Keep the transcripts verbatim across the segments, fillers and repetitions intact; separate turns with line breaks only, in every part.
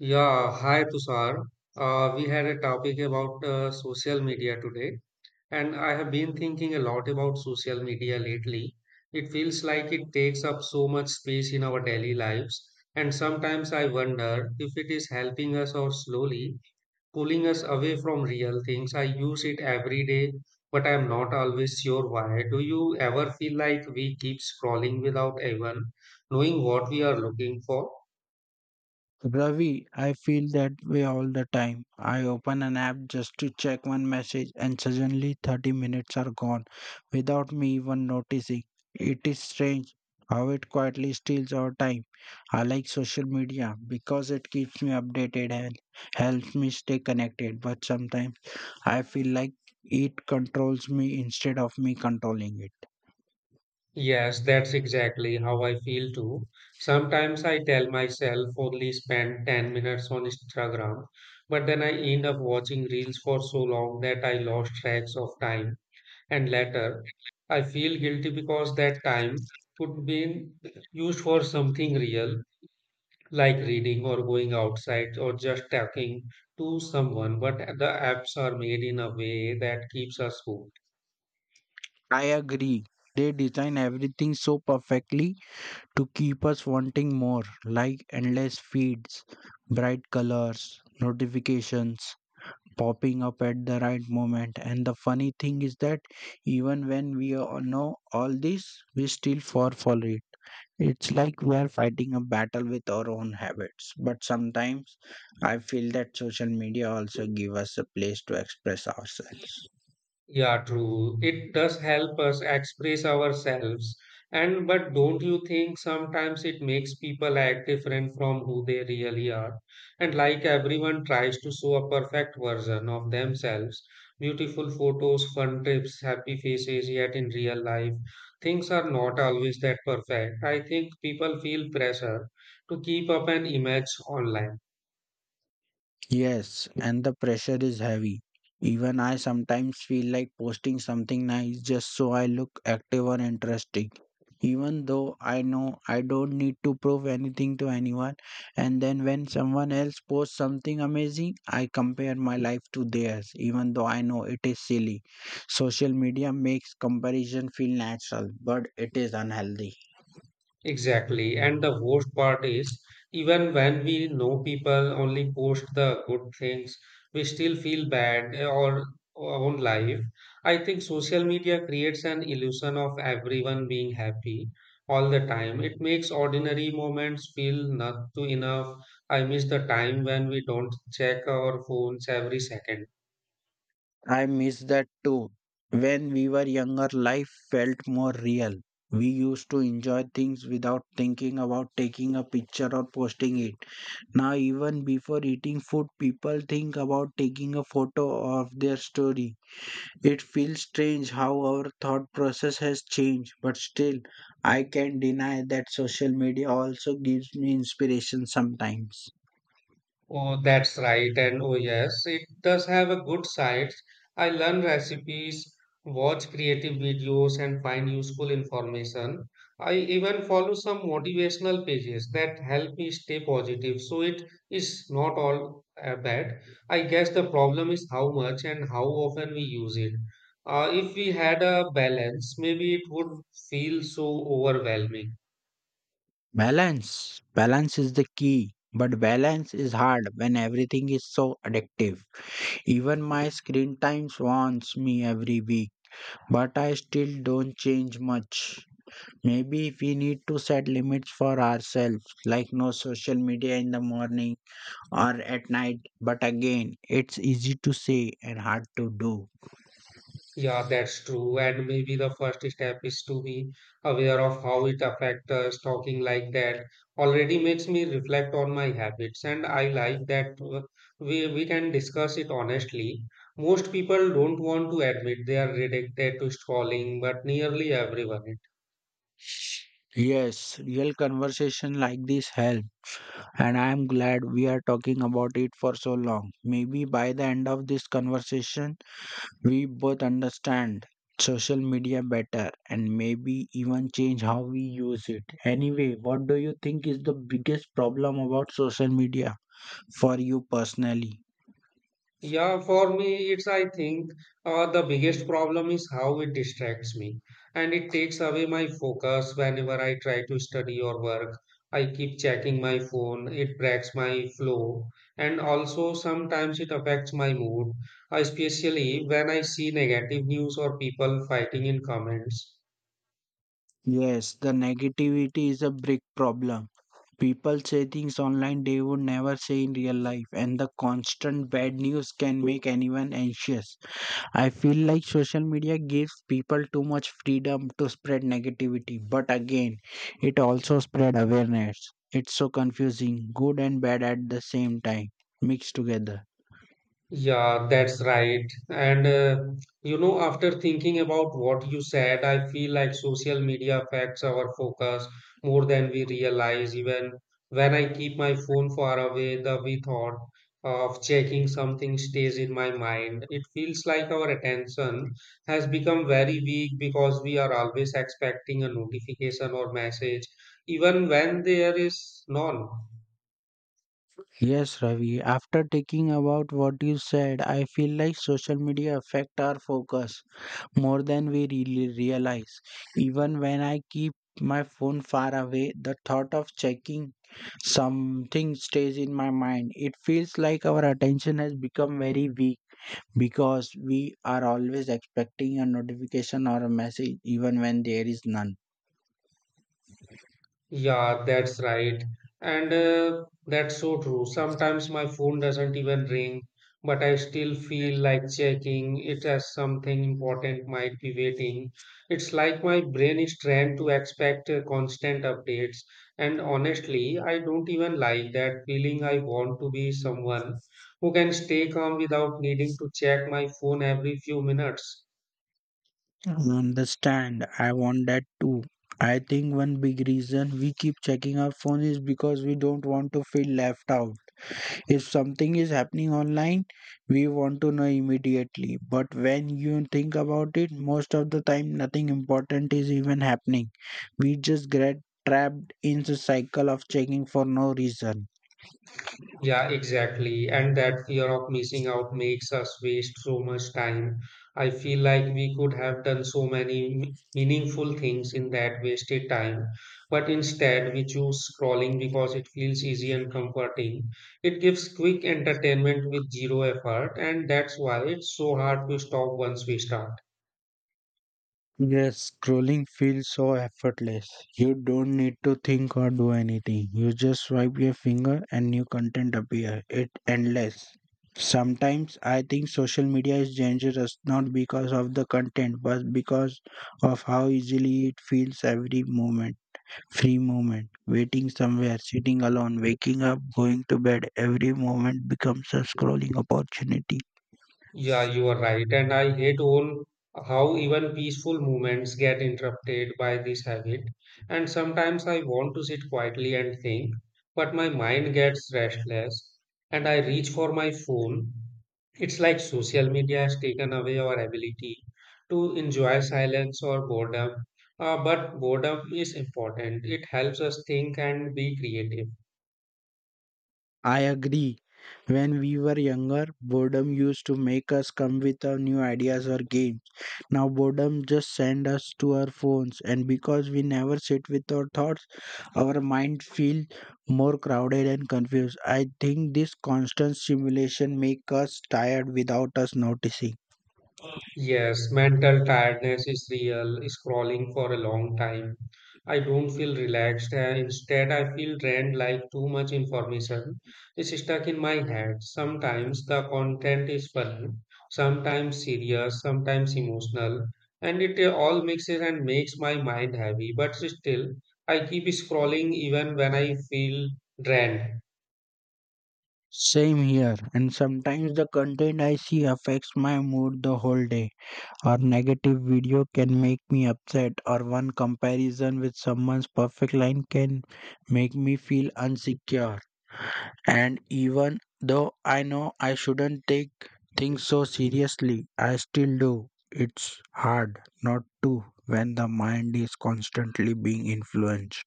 Yeah, hi Tushar. Uh, we had a topic about uh, social media today, and I have been thinking a lot about social media lately. It feels like it takes up so much space in our daily lives, and sometimes I wonder if it is helping us or slowly pulling us away from real things. I use it every day, but I'm not always sure why. Do you ever feel like we keep scrolling without even knowing what we are looking for?
Ravi, I feel that way all the time. I open an app just to check one message and suddenly thirty minutes are gone without me even noticing. It is strange how it quietly steals our time. I like social media because it keeps me updated and helps me stay connected, but sometimes I feel like it controls me instead of me controlling it.
Yes, that's exactly how I feel too. Sometimes I tell myself only spend ten minutes on Instagram, but then I end up watching reels for so long that I lost tracks of time. And later, I feel guilty because that time could be used for something real, like reading or going outside or just talking to someone. But the apps are made in a way that keeps us hooked.
I agree. They design everything so perfectly to keep us wanting more, like endless feeds, bright colors, notifications popping up at the right moment. And the funny thing is that even when we all know all this, we still fall for it. It's like we are fighting a battle with our own habits. But sometimes I feel that social media also give us a place to express ourselves.
Yeah, true. It does help us express ourselves. And but don't you think sometimes it makes people act different from who they really are? And like everyone tries to show a perfect version of themselves, beautiful photos, fun trips, happy faces, yet in real life, things are not always that perfect. I think people feel pressure to keep up an image online.
Yes, and the pressure is heavy. Even I sometimes feel like posting something nice just so I look active or interesting. Even though I know I don't need to prove anything to anyone, and then when someone else posts something amazing, I compare my life to theirs, even though I know it is silly. Social media makes comparison feel natural, but it is unhealthy.
Exactly. And the worst part is, even when we know people only post the good things, we still feel bad eh, or our own life. I think social media creates an illusion of everyone being happy all the time. It makes ordinary moments feel not too enough. I miss the time when we don't check our phones every second.
I miss that too. When we were younger, life felt more real. We used to enjoy things without thinking about taking a picture or posting it. Now, even before eating food, people think about taking a photo of their story. It feels strange how our thought process has changed, but still, I can't deny that social media also gives me inspiration sometimes.
Oh, that's right. And oh, yes, it does have a good side. I learn recipes, watch creative videos, and find useful information. I even follow some motivational pages that help me stay positive. So it is not all uh, bad. I guess the problem is how much and how often we use it. Uh, if we had a balance, maybe it would feel so overwhelming.
Balance. Balance is the key. But balance is hard when everything is so addictive. Even my screen time warns me every week, but I still don't change much. Maybe we need to set limits for ourselves, like no social media in the morning or at night. But again, it's easy to say and hard to do.
Yeah, that's true. And maybe the first step is to be aware of how it affects us. Talking like that already makes me reflect on my habits, and I like that uh, we, we can discuss it honestly. Most people don't want to admit they are addicted to scrolling, but nearly everyone.
Yes, real conversation like this help. And I'm glad we are talking about it for so long. Maybe by the end of this conversation, we both understand social media better and maybe even change how we use it. Anyway, what do you think is the biggest problem about social media for you personally?
Yeah, for me, it's I think uh, the biggest problem is how it distracts me and it takes away my focus whenever I try to study or work. I keep checking my phone, it breaks my flow, and also sometimes it affects my mood, especially when I see negative news or people fighting in comments.
Yes, the negativity is a big problem. People say things online they would never say in real life, and the constant bad news can make anyone anxious. I feel like social media gives people too much freedom to spread negativity, but again, it also spread awareness. It's so confusing, good and bad at the same time, mixed together.
Yeah, that's right. And uh, you know, after thinking about what you said, I feel like social media affects our focus more than we realize. Even when I keep my phone far away, the we thought of checking something stays in my mind. It feels like our attention has become very weak because we are always expecting a notification or message, even when there is none.
Yes, Ravi, after taking about what you said, I feel like social media affect our focus, more than we really realize. Even when I keep my phone far away, the thought of checking something stays in my mind. It feels like our attention has become very weak because we are always expecting a notification or a message, even when there is none.
Yeah, that's right. And uh, that's so true. Sometimes my phone doesn't even ring, but I still feel like checking it as something important might be waiting. It's like my brain is trained to expect uh, constant updates. And honestly, I don't even like that feeling. I want to be someone who can stay calm without needing to check my phone every few minutes.
I understand. I want that too. I think one big reason we keep checking our phone is because we don't want to feel left out. If something is happening online, we want to know immediately. But when you think about it, most of the time nothing important is even happening. We just get trapped in the cycle of checking for no reason.
Yeah, exactly. And that fear of missing out makes us waste so much time. I feel like we could have done so many m- meaningful things in that wasted time. But instead, we choose scrolling because it feels easy and comforting. It gives quick entertainment with zero effort, and that's why it's so hard to stop once we start.
Yes, scrolling feels so effortless. You don't need to think or do anything. You just swipe your finger and new content appear. It endless. Sometimes I think social media is dangerous not because of the content but because of how easily it feels every moment. Free moment, waiting somewhere, sitting alone, waking up, going to bed, every moment becomes a scrolling opportunity.
Yeah, you are right. And I hate on how even peaceful moments get interrupted by this habit. And sometimes I want to sit quietly and think, but my mind gets restless and I reach for my phone. It's like social media has taken away our ability to enjoy silence or boredom. Uh, but boredom is important. It helps us think and be creative.
I agree. When we were younger, boredom used to make us come with our new ideas or games. Now boredom just sends us to our phones and because we never sit with our thoughts, our mind feel more crowded and confused. I think this constant stimulation make us tired without us noticing.
Yes, mental tiredness is real. Scrolling for a long time. I don't feel relaxed. And instead, I feel drained like too much information is stuck in my head. Sometimes the content is funny, sometimes serious, sometimes emotional, and it uh, all mixes and makes my mind heavy. But still, I keep scrolling even when I feel drained.
Same here and sometimes the content I see affects my mood the whole day, or negative video can make me upset, or one comparison with someone's perfect line can make me feel insecure. And even though I know I shouldn't take things so seriously, I still do. It's hard not to when the mind is constantly being influenced.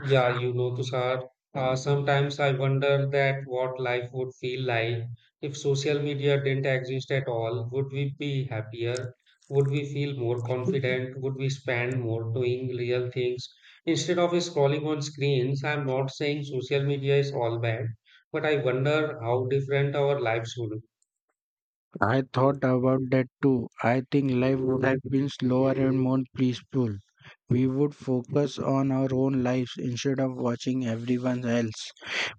Yeah, you know, Tushar, uh, sometimes I wonder that what life would feel like if social media didn't exist at all. Would we be happier? Would we feel more confident? Would we spend more doing real things instead of scrolling on screens? I'm not saying social media is all bad, but I wonder how different our lives would.
I thought about that too. I think life would have been slower and more peaceful. We would focus on our own lives instead of watching everyone else.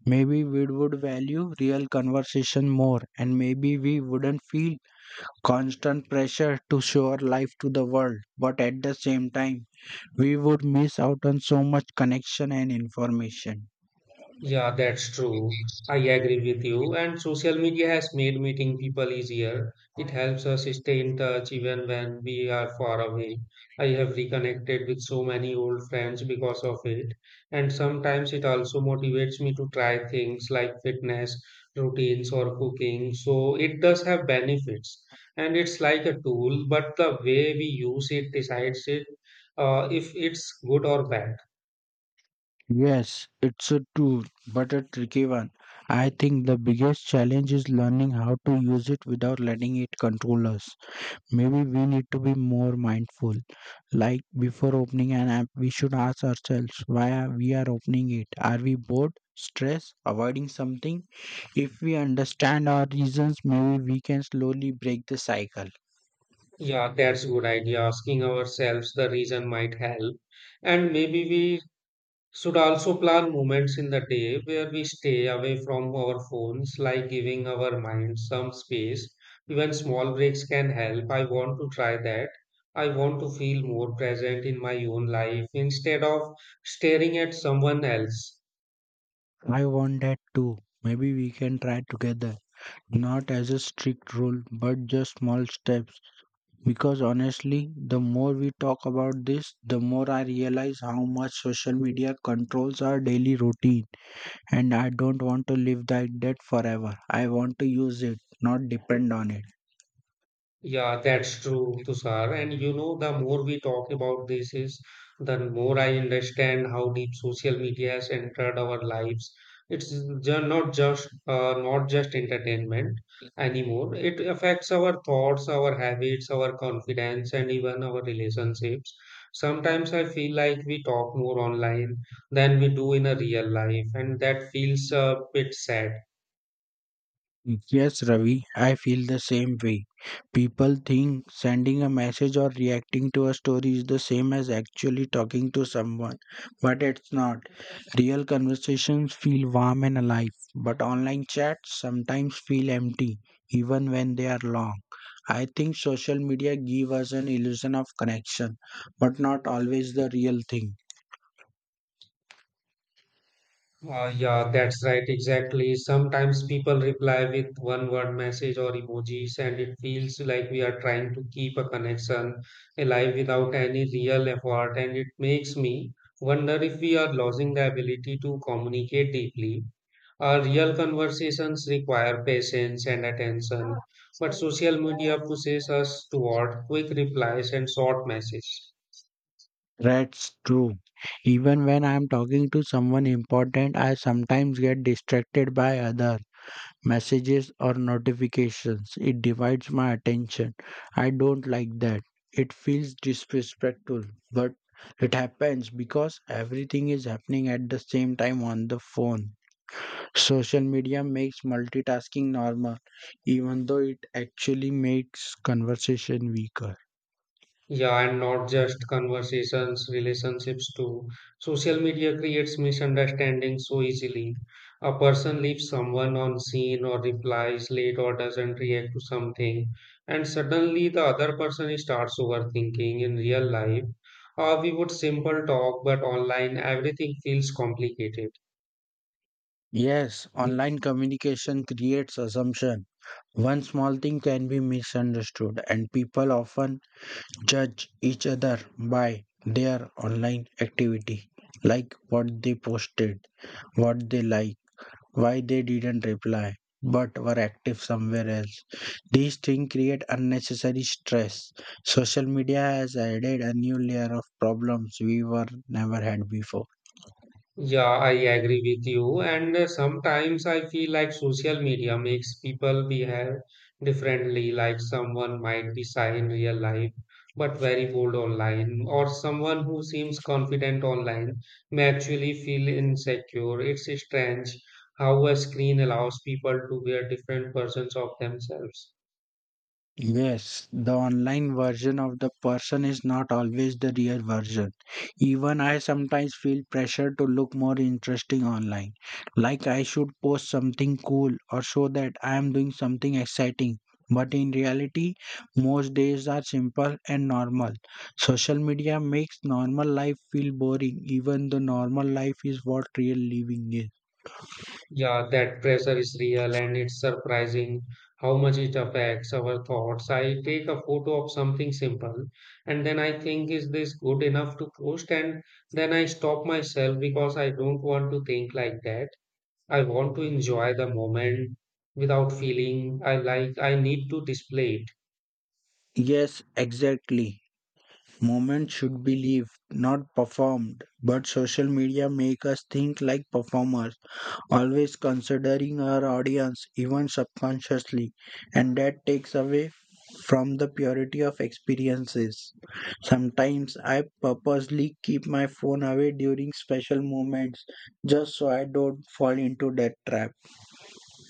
Maybe we would value real conversation more, and maybe we wouldn't feel constant pressure to show our life to the world. But at the same time, we would miss out on so much connection and information.
Yeah, that's true. I agree with you. And social media has made meeting people easier. It helps us stay in touch even when we are far away. I have reconnected with so many old friends because of it. And sometimes it also motivates me to try things like fitness, routines, or cooking. So it does have benefits. And it's like a tool, but the way we use it decides it uh, if it's good or bad.
Yes, it's a tool, but a tricky one. I think the biggest challenge is learning how to use it without letting it control us. Maybe we need to be more mindful. Like before opening an app, we should ask ourselves why are we are opening it. Are we bored, stressed, avoiding something? If we understand our reasons, maybe we can slowly break the cycle.
Yeah, that's a good idea. Asking ourselves the reason might help. And maybe we should also plan moments in the day where we stay away from our phones, like giving our minds some space. Even small breaks can help. I want to try that. I want to feel more present in my own life instead of staring at someone else.
I want that too. Maybe we can try together. Not as a strict rule, but just small steps. Because honestly, the more we talk about this, the more I realize how much social media controls our daily routine, and I don't want to live like that forever. I want to use it, not depend on it.
Yeah, that's true, Tushar. And you know, the more we talk about this is the more I understand how deep social media has entered our lives. It's ju- not just uh, not just entertainment anymore. It affects our thoughts, our habits, our confidence, and even our relationships. Sometimes I feel like we talk more online than we do in a real life, and that feels a bit sad.
Yes, Ravi, I feel the same way. People think sending a message or reacting to a story is the same as actually talking to someone, but it's not. Real conversations feel warm and alive, but online chats sometimes feel empty, even when they are long. I think social media give us an illusion of connection, but not always the real thing.
Uh, yeah, that's right, exactly. Sometimes people reply with one word message or emojis, and it feels like we are trying to keep a connection alive without any real effort. And it makes me wonder if we are losing the ability to communicate deeply. Our real conversations require patience and attention, but social media pushes us toward quick replies and short messages.
That's true. Even when I am talking to someone important, I sometimes get distracted by other messages or notifications. It divides my attention. I don't like that. It feels disrespectful, but it happens because everything is happening at the same time on the phone. Social media makes multitasking normal, even though it actually makes conversation weaker.
Yeah, and not just conversations, relationships too. Social media creates misunderstandings so easily. A person leaves someone on scene or replies late or doesn't react to something, and suddenly the other person starts overthinking. In real life, uh, we would simple talk, but online everything feels complicated.
Yes, online communication creates assumption. One small thing can be misunderstood and people often judge each other by their online activity, like what they posted, what they like, why they didn't reply, but were active somewhere else. These things create unnecessary stress. Social media has added a new layer of problems we were never had before.
Yeah, I agree with you. And uh, sometimes I feel like social media makes people behave differently. Like someone might be shy in real life, but very bold online, or someone who seems confident online may actually feel insecure. It's strange how a screen allows people to wear different versions of themselves.
Yes, the online version of the person is not always the real version. Even I sometimes feel pressure to look more interesting online. Like I should post something cool or show that I am doing something exciting. But in reality, most days are simple and normal. Social media makes normal life feel boring, even though normal life is what real living is.
Yeah, that pressure is real and it's surprising how much it affects our thoughts. I take a photo of something simple and then I think, is this good enough to post? And then I stop myself because I don't want to think like that. I want to enjoy the moment without feeling I like I need to display it.
Yes, exactly. Movement should be lived, not performed. But social media make us think like performers, always considering our audience, even subconsciously, and that takes away from the purity of experiences. Sometimes I purposely keep my phone away during special moments just so I don't fall into that trap.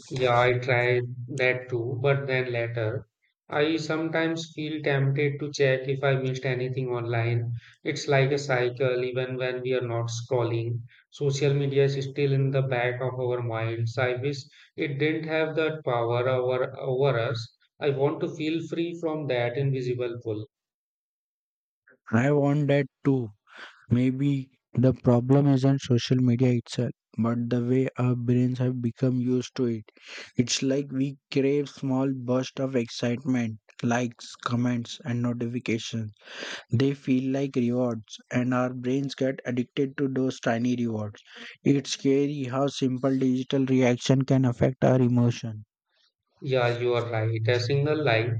Yeah, I tried that too, but then later I sometimes feel tempted to check if I missed anything online. It's like a cycle, even when we are not scrolling. Social media is still in the back of our minds. I wish it didn't have that power over, over us. I want to feel free from that invisible pull.
I want that too. Maybe the problem isn't social media itself, but the way our brains have become used to it. It's like we crave small bursts of excitement, likes, comments, and notifications. They feel like rewards, and our brains get addicted to those tiny rewards. It's scary how simple digital reaction can affect our emotion.
Yeah, you are right. A single like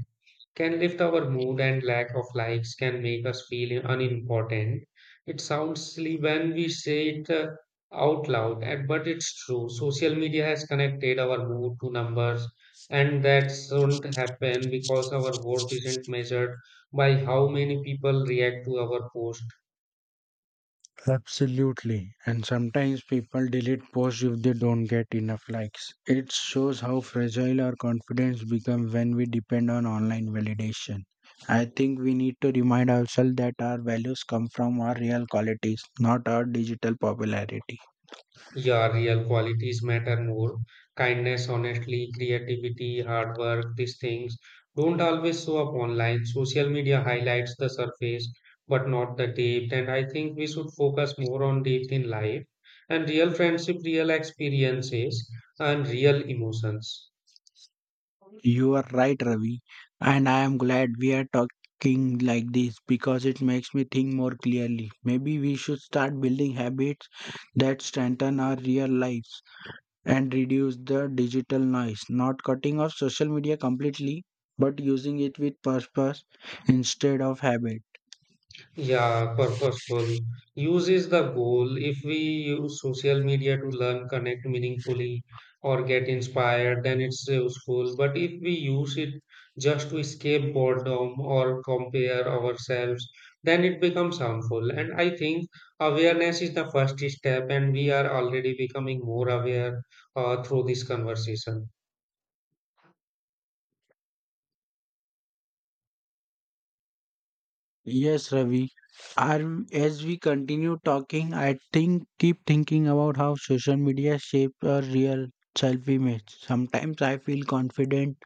can lift our mood and lack of likes can make us feel unimportant. It sounds silly when we say it uh, out loud, and- but it's true. Social media has connected our mood to numbers, and that shouldn't happen because our worth isn't measured by how many people react to our post.
Absolutely. And sometimes people delete posts if they don't get enough likes. It shows how fragile our confidence becomes when we depend on online validation. I think we need to remind ourselves that our values come from our real qualities, not our digital popularity.
Your real qualities matter more. Kindness, honestly, creativity, hard work, these things don't always show up online. Social media highlights the surface, but not the depth. And I think we should focus more on depth in life and real friendship, real experiences, and real emotions.
You are right, Ravi. And I am glad we are talking like this because it makes me think more clearly. Maybe we should start building habits that strengthen our real lives and reduce the digital noise. Not cutting off social media completely, but using it with purpose instead of habit.
Yeah, purposeful. Use is the goal. If we use social media to learn, connect meaningfully, or get inspired, then it's useful. But if we use it just to escape boredom or compare ourselves, then it becomes harmful. And I think awareness is the first step, and we are already becoming more aware uh, through this conversation.
Yes, Ravi. Are- As we continue talking, I think keep thinking about how social media shapes our real self image. Sometimes I feel confident,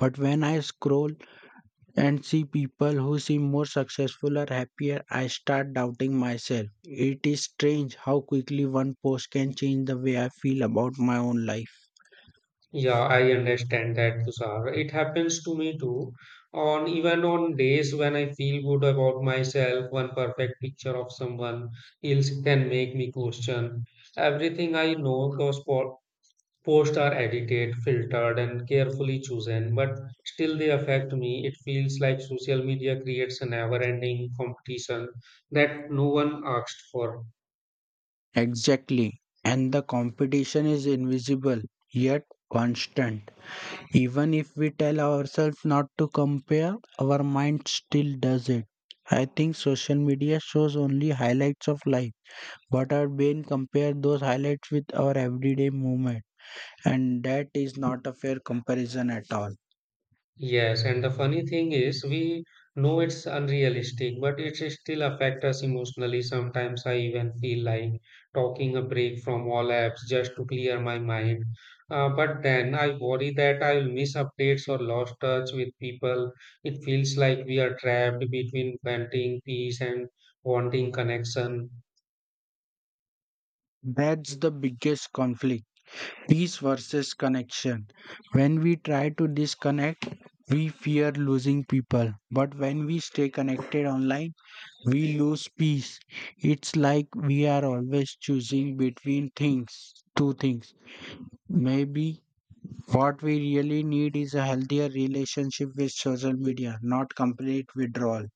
but when I scroll and see people who seem more successful or happier, I start doubting myself. It is strange how quickly one post can change the way I feel about my own life.
Yeah, I understand that, Tushar. It happens to me too. On even on days when I feel good about myself, one perfect picture of someone else can make me question everything I know. Those po- posts are edited, filtered, and carefully chosen, but still they affect me. It feels like social media creates a never-ending competition that no one asked for.
Exactly. And the competition is invisible yet constant. Even if we tell ourselves not to compare, our mind still does it. I think social media shows only highlights of life, but our brain compare those highlights with our everyday movement. And that is not a fair comparison at all.
Yes, and the funny thing is, we know it's unrealistic, but it still affects us emotionally. Sometimes I even feel like talking a break from all apps just to clear my mind. Uh, but then I worry that I will miss updates or lost touch with people. It feels like we are trapped between wanting peace and wanting connection.
That's the biggest conflict, peace versus connection. When we try to disconnect, we fear losing people. But when we stay connected online, we lose peace. It's like we are always choosing between things, two things. Maybe what we really need is a healthier relationship with social media, not complete withdrawal.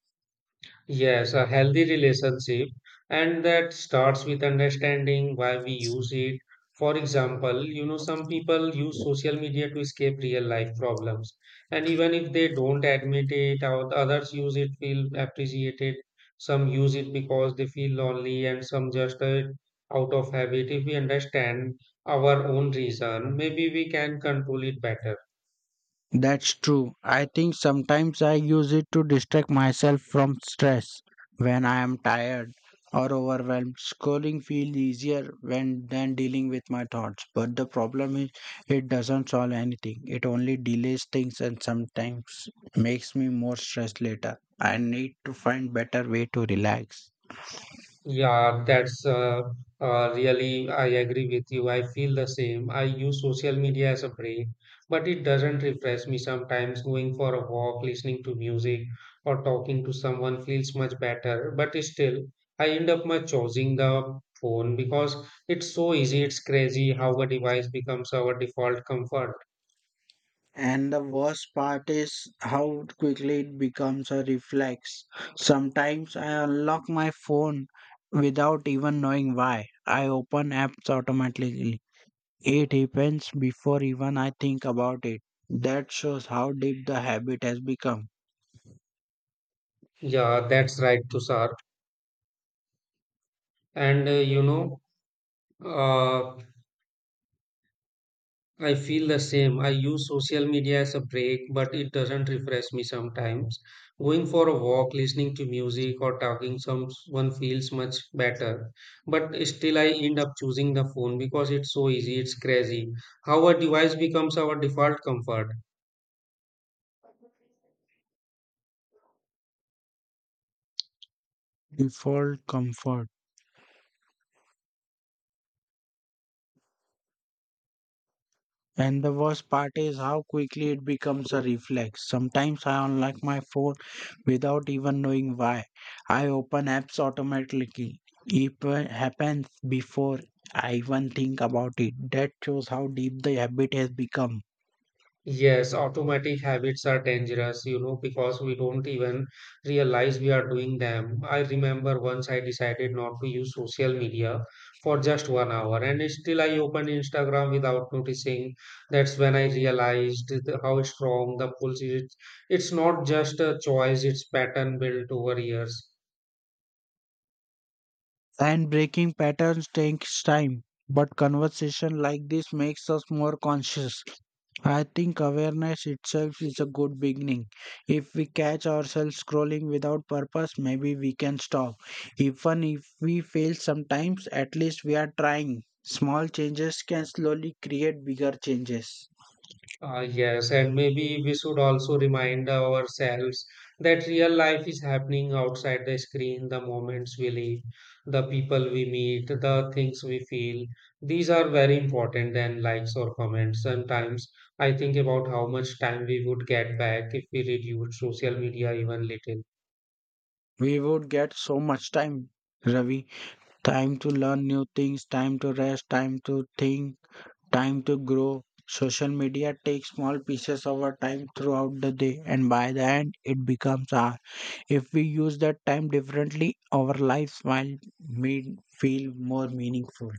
Yes, a healthy relationship, and that starts with understanding why we use it. For example, you know, some people use social media to escape real life problems, and even if they don't admit it, or the others use it, feel appreciated. Some use it because they feel lonely, and some just uh, out of habit. If we understand our own reason, maybe we can control it better.
That's true. I think sometimes I use it to distract myself from stress when I am tired or overwhelmed. Scrolling feels easier when than dealing with my thoughts. But the problem is it doesn't solve anything. It only delays things and sometimes makes me more stressed later. I need to find better way to relax.
Yeah, that's uh, uh, really, I agree with you. I feel the same. I use social media as a break, but it doesn't refresh me sometimes. Going for a walk, listening to music, or talking to someone feels much better. But still, I end up much choosing the phone because it's so easy. It's crazy how a device becomes our default comfort.
And the worst part is how quickly it becomes a reflex. Sometimes I unlock my phone without even knowing why. I open apps automatically. It happens before even I think about it. That shows how deep the habit has become.
Yeah, that's right, Tushar. And uh, you know, uh, I feel the same. I use social media as a break, but it doesn't refresh me sometimes. Going for a walk, listening to music, or talking someone feels much better. But still, I end up choosing the phone because it's so easy, it's crazy. How a device becomes our default comfort.
Default comfort. And the worst part is how quickly it becomes a reflex. Sometimes I unlock my phone without even knowing why. I open apps automatically. It wa- happens before I even think about it. That shows how deep the habit has become.
Yes, automatic habits are dangerous, you know, because we don't even realize we are doing them. I remember once I decided not to use social media for just one hour, and still I opened Instagram without noticing. That's when I realized the- how strong the pulse is. It's not just a choice, it's pattern built over years.
And breaking patterns takes time, but conversation like this makes us more conscious. I think awareness itself is a good beginning. If we catch ourselves scrolling without purpose, maybe we can stop. Even if we fail sometimes, at least we are trying. Small changes can slowly create bigger changes.
Uh, yes, and maybe we should also remind ourselves that real life is happening outside the screen, the moments we live, the people we meet, the things we feel. These are very important than likes or comments. Sometimes I think about how much time we would get back if we reduce social media even little.
We would get so much time, Ravi. Time to learn new things, time to rest, time to think, time to grow. Social media takes small pieces of our time throughout the day, and by the end, it becomes ours. If we use that time differently, our lives will me- feel more meaningful.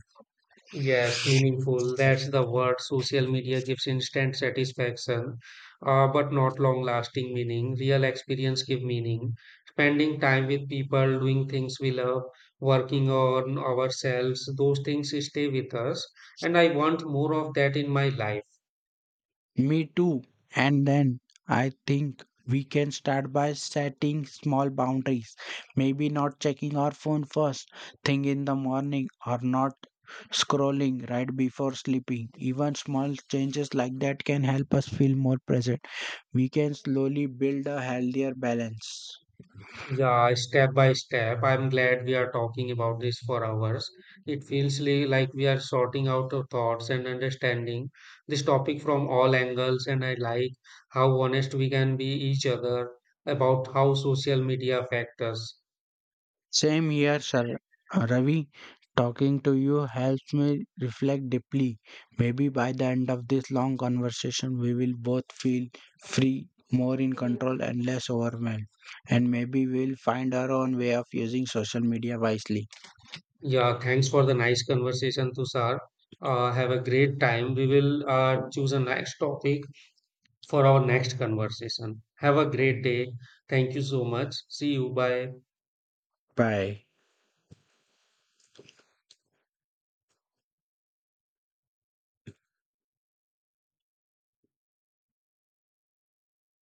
Yes, meaningful. That's the word. Social media gives instant satisfaction, uh, but not long-lasting meaning. Real experience give meaning. Spending time with people, doing things we love, working on ourselves, those things stay with us. And I want more of that in my life.
Me too. And then I think we can start by setting small boundaries. Maybe not checking our phone first thing in the morning or not scrolling right before sleeping. Even small changes like that can help us feel more present. We can slowly build a healthier balance.
Yeah, step by step. I'm glad we are talking about this for hours. It feels li- like we are sorting out our thoughts and understanding this topic from all angles, and I like how honest we can be each other about how social media affect us.
Same here, Sir Ravi. Talking to you helps me reflect deeply. Maybe by the end of this long conversation, we will both feel free, more in control, and less overwhelmed. And maybe we'll find our own way of using social media wisely.
Yeah, thanks for the nice conversation, Tushar. Uh, have a great time. We will uh, choose a next topic for our next conversation. Have a great day. Thank you so much. See you. Bye.
Bye.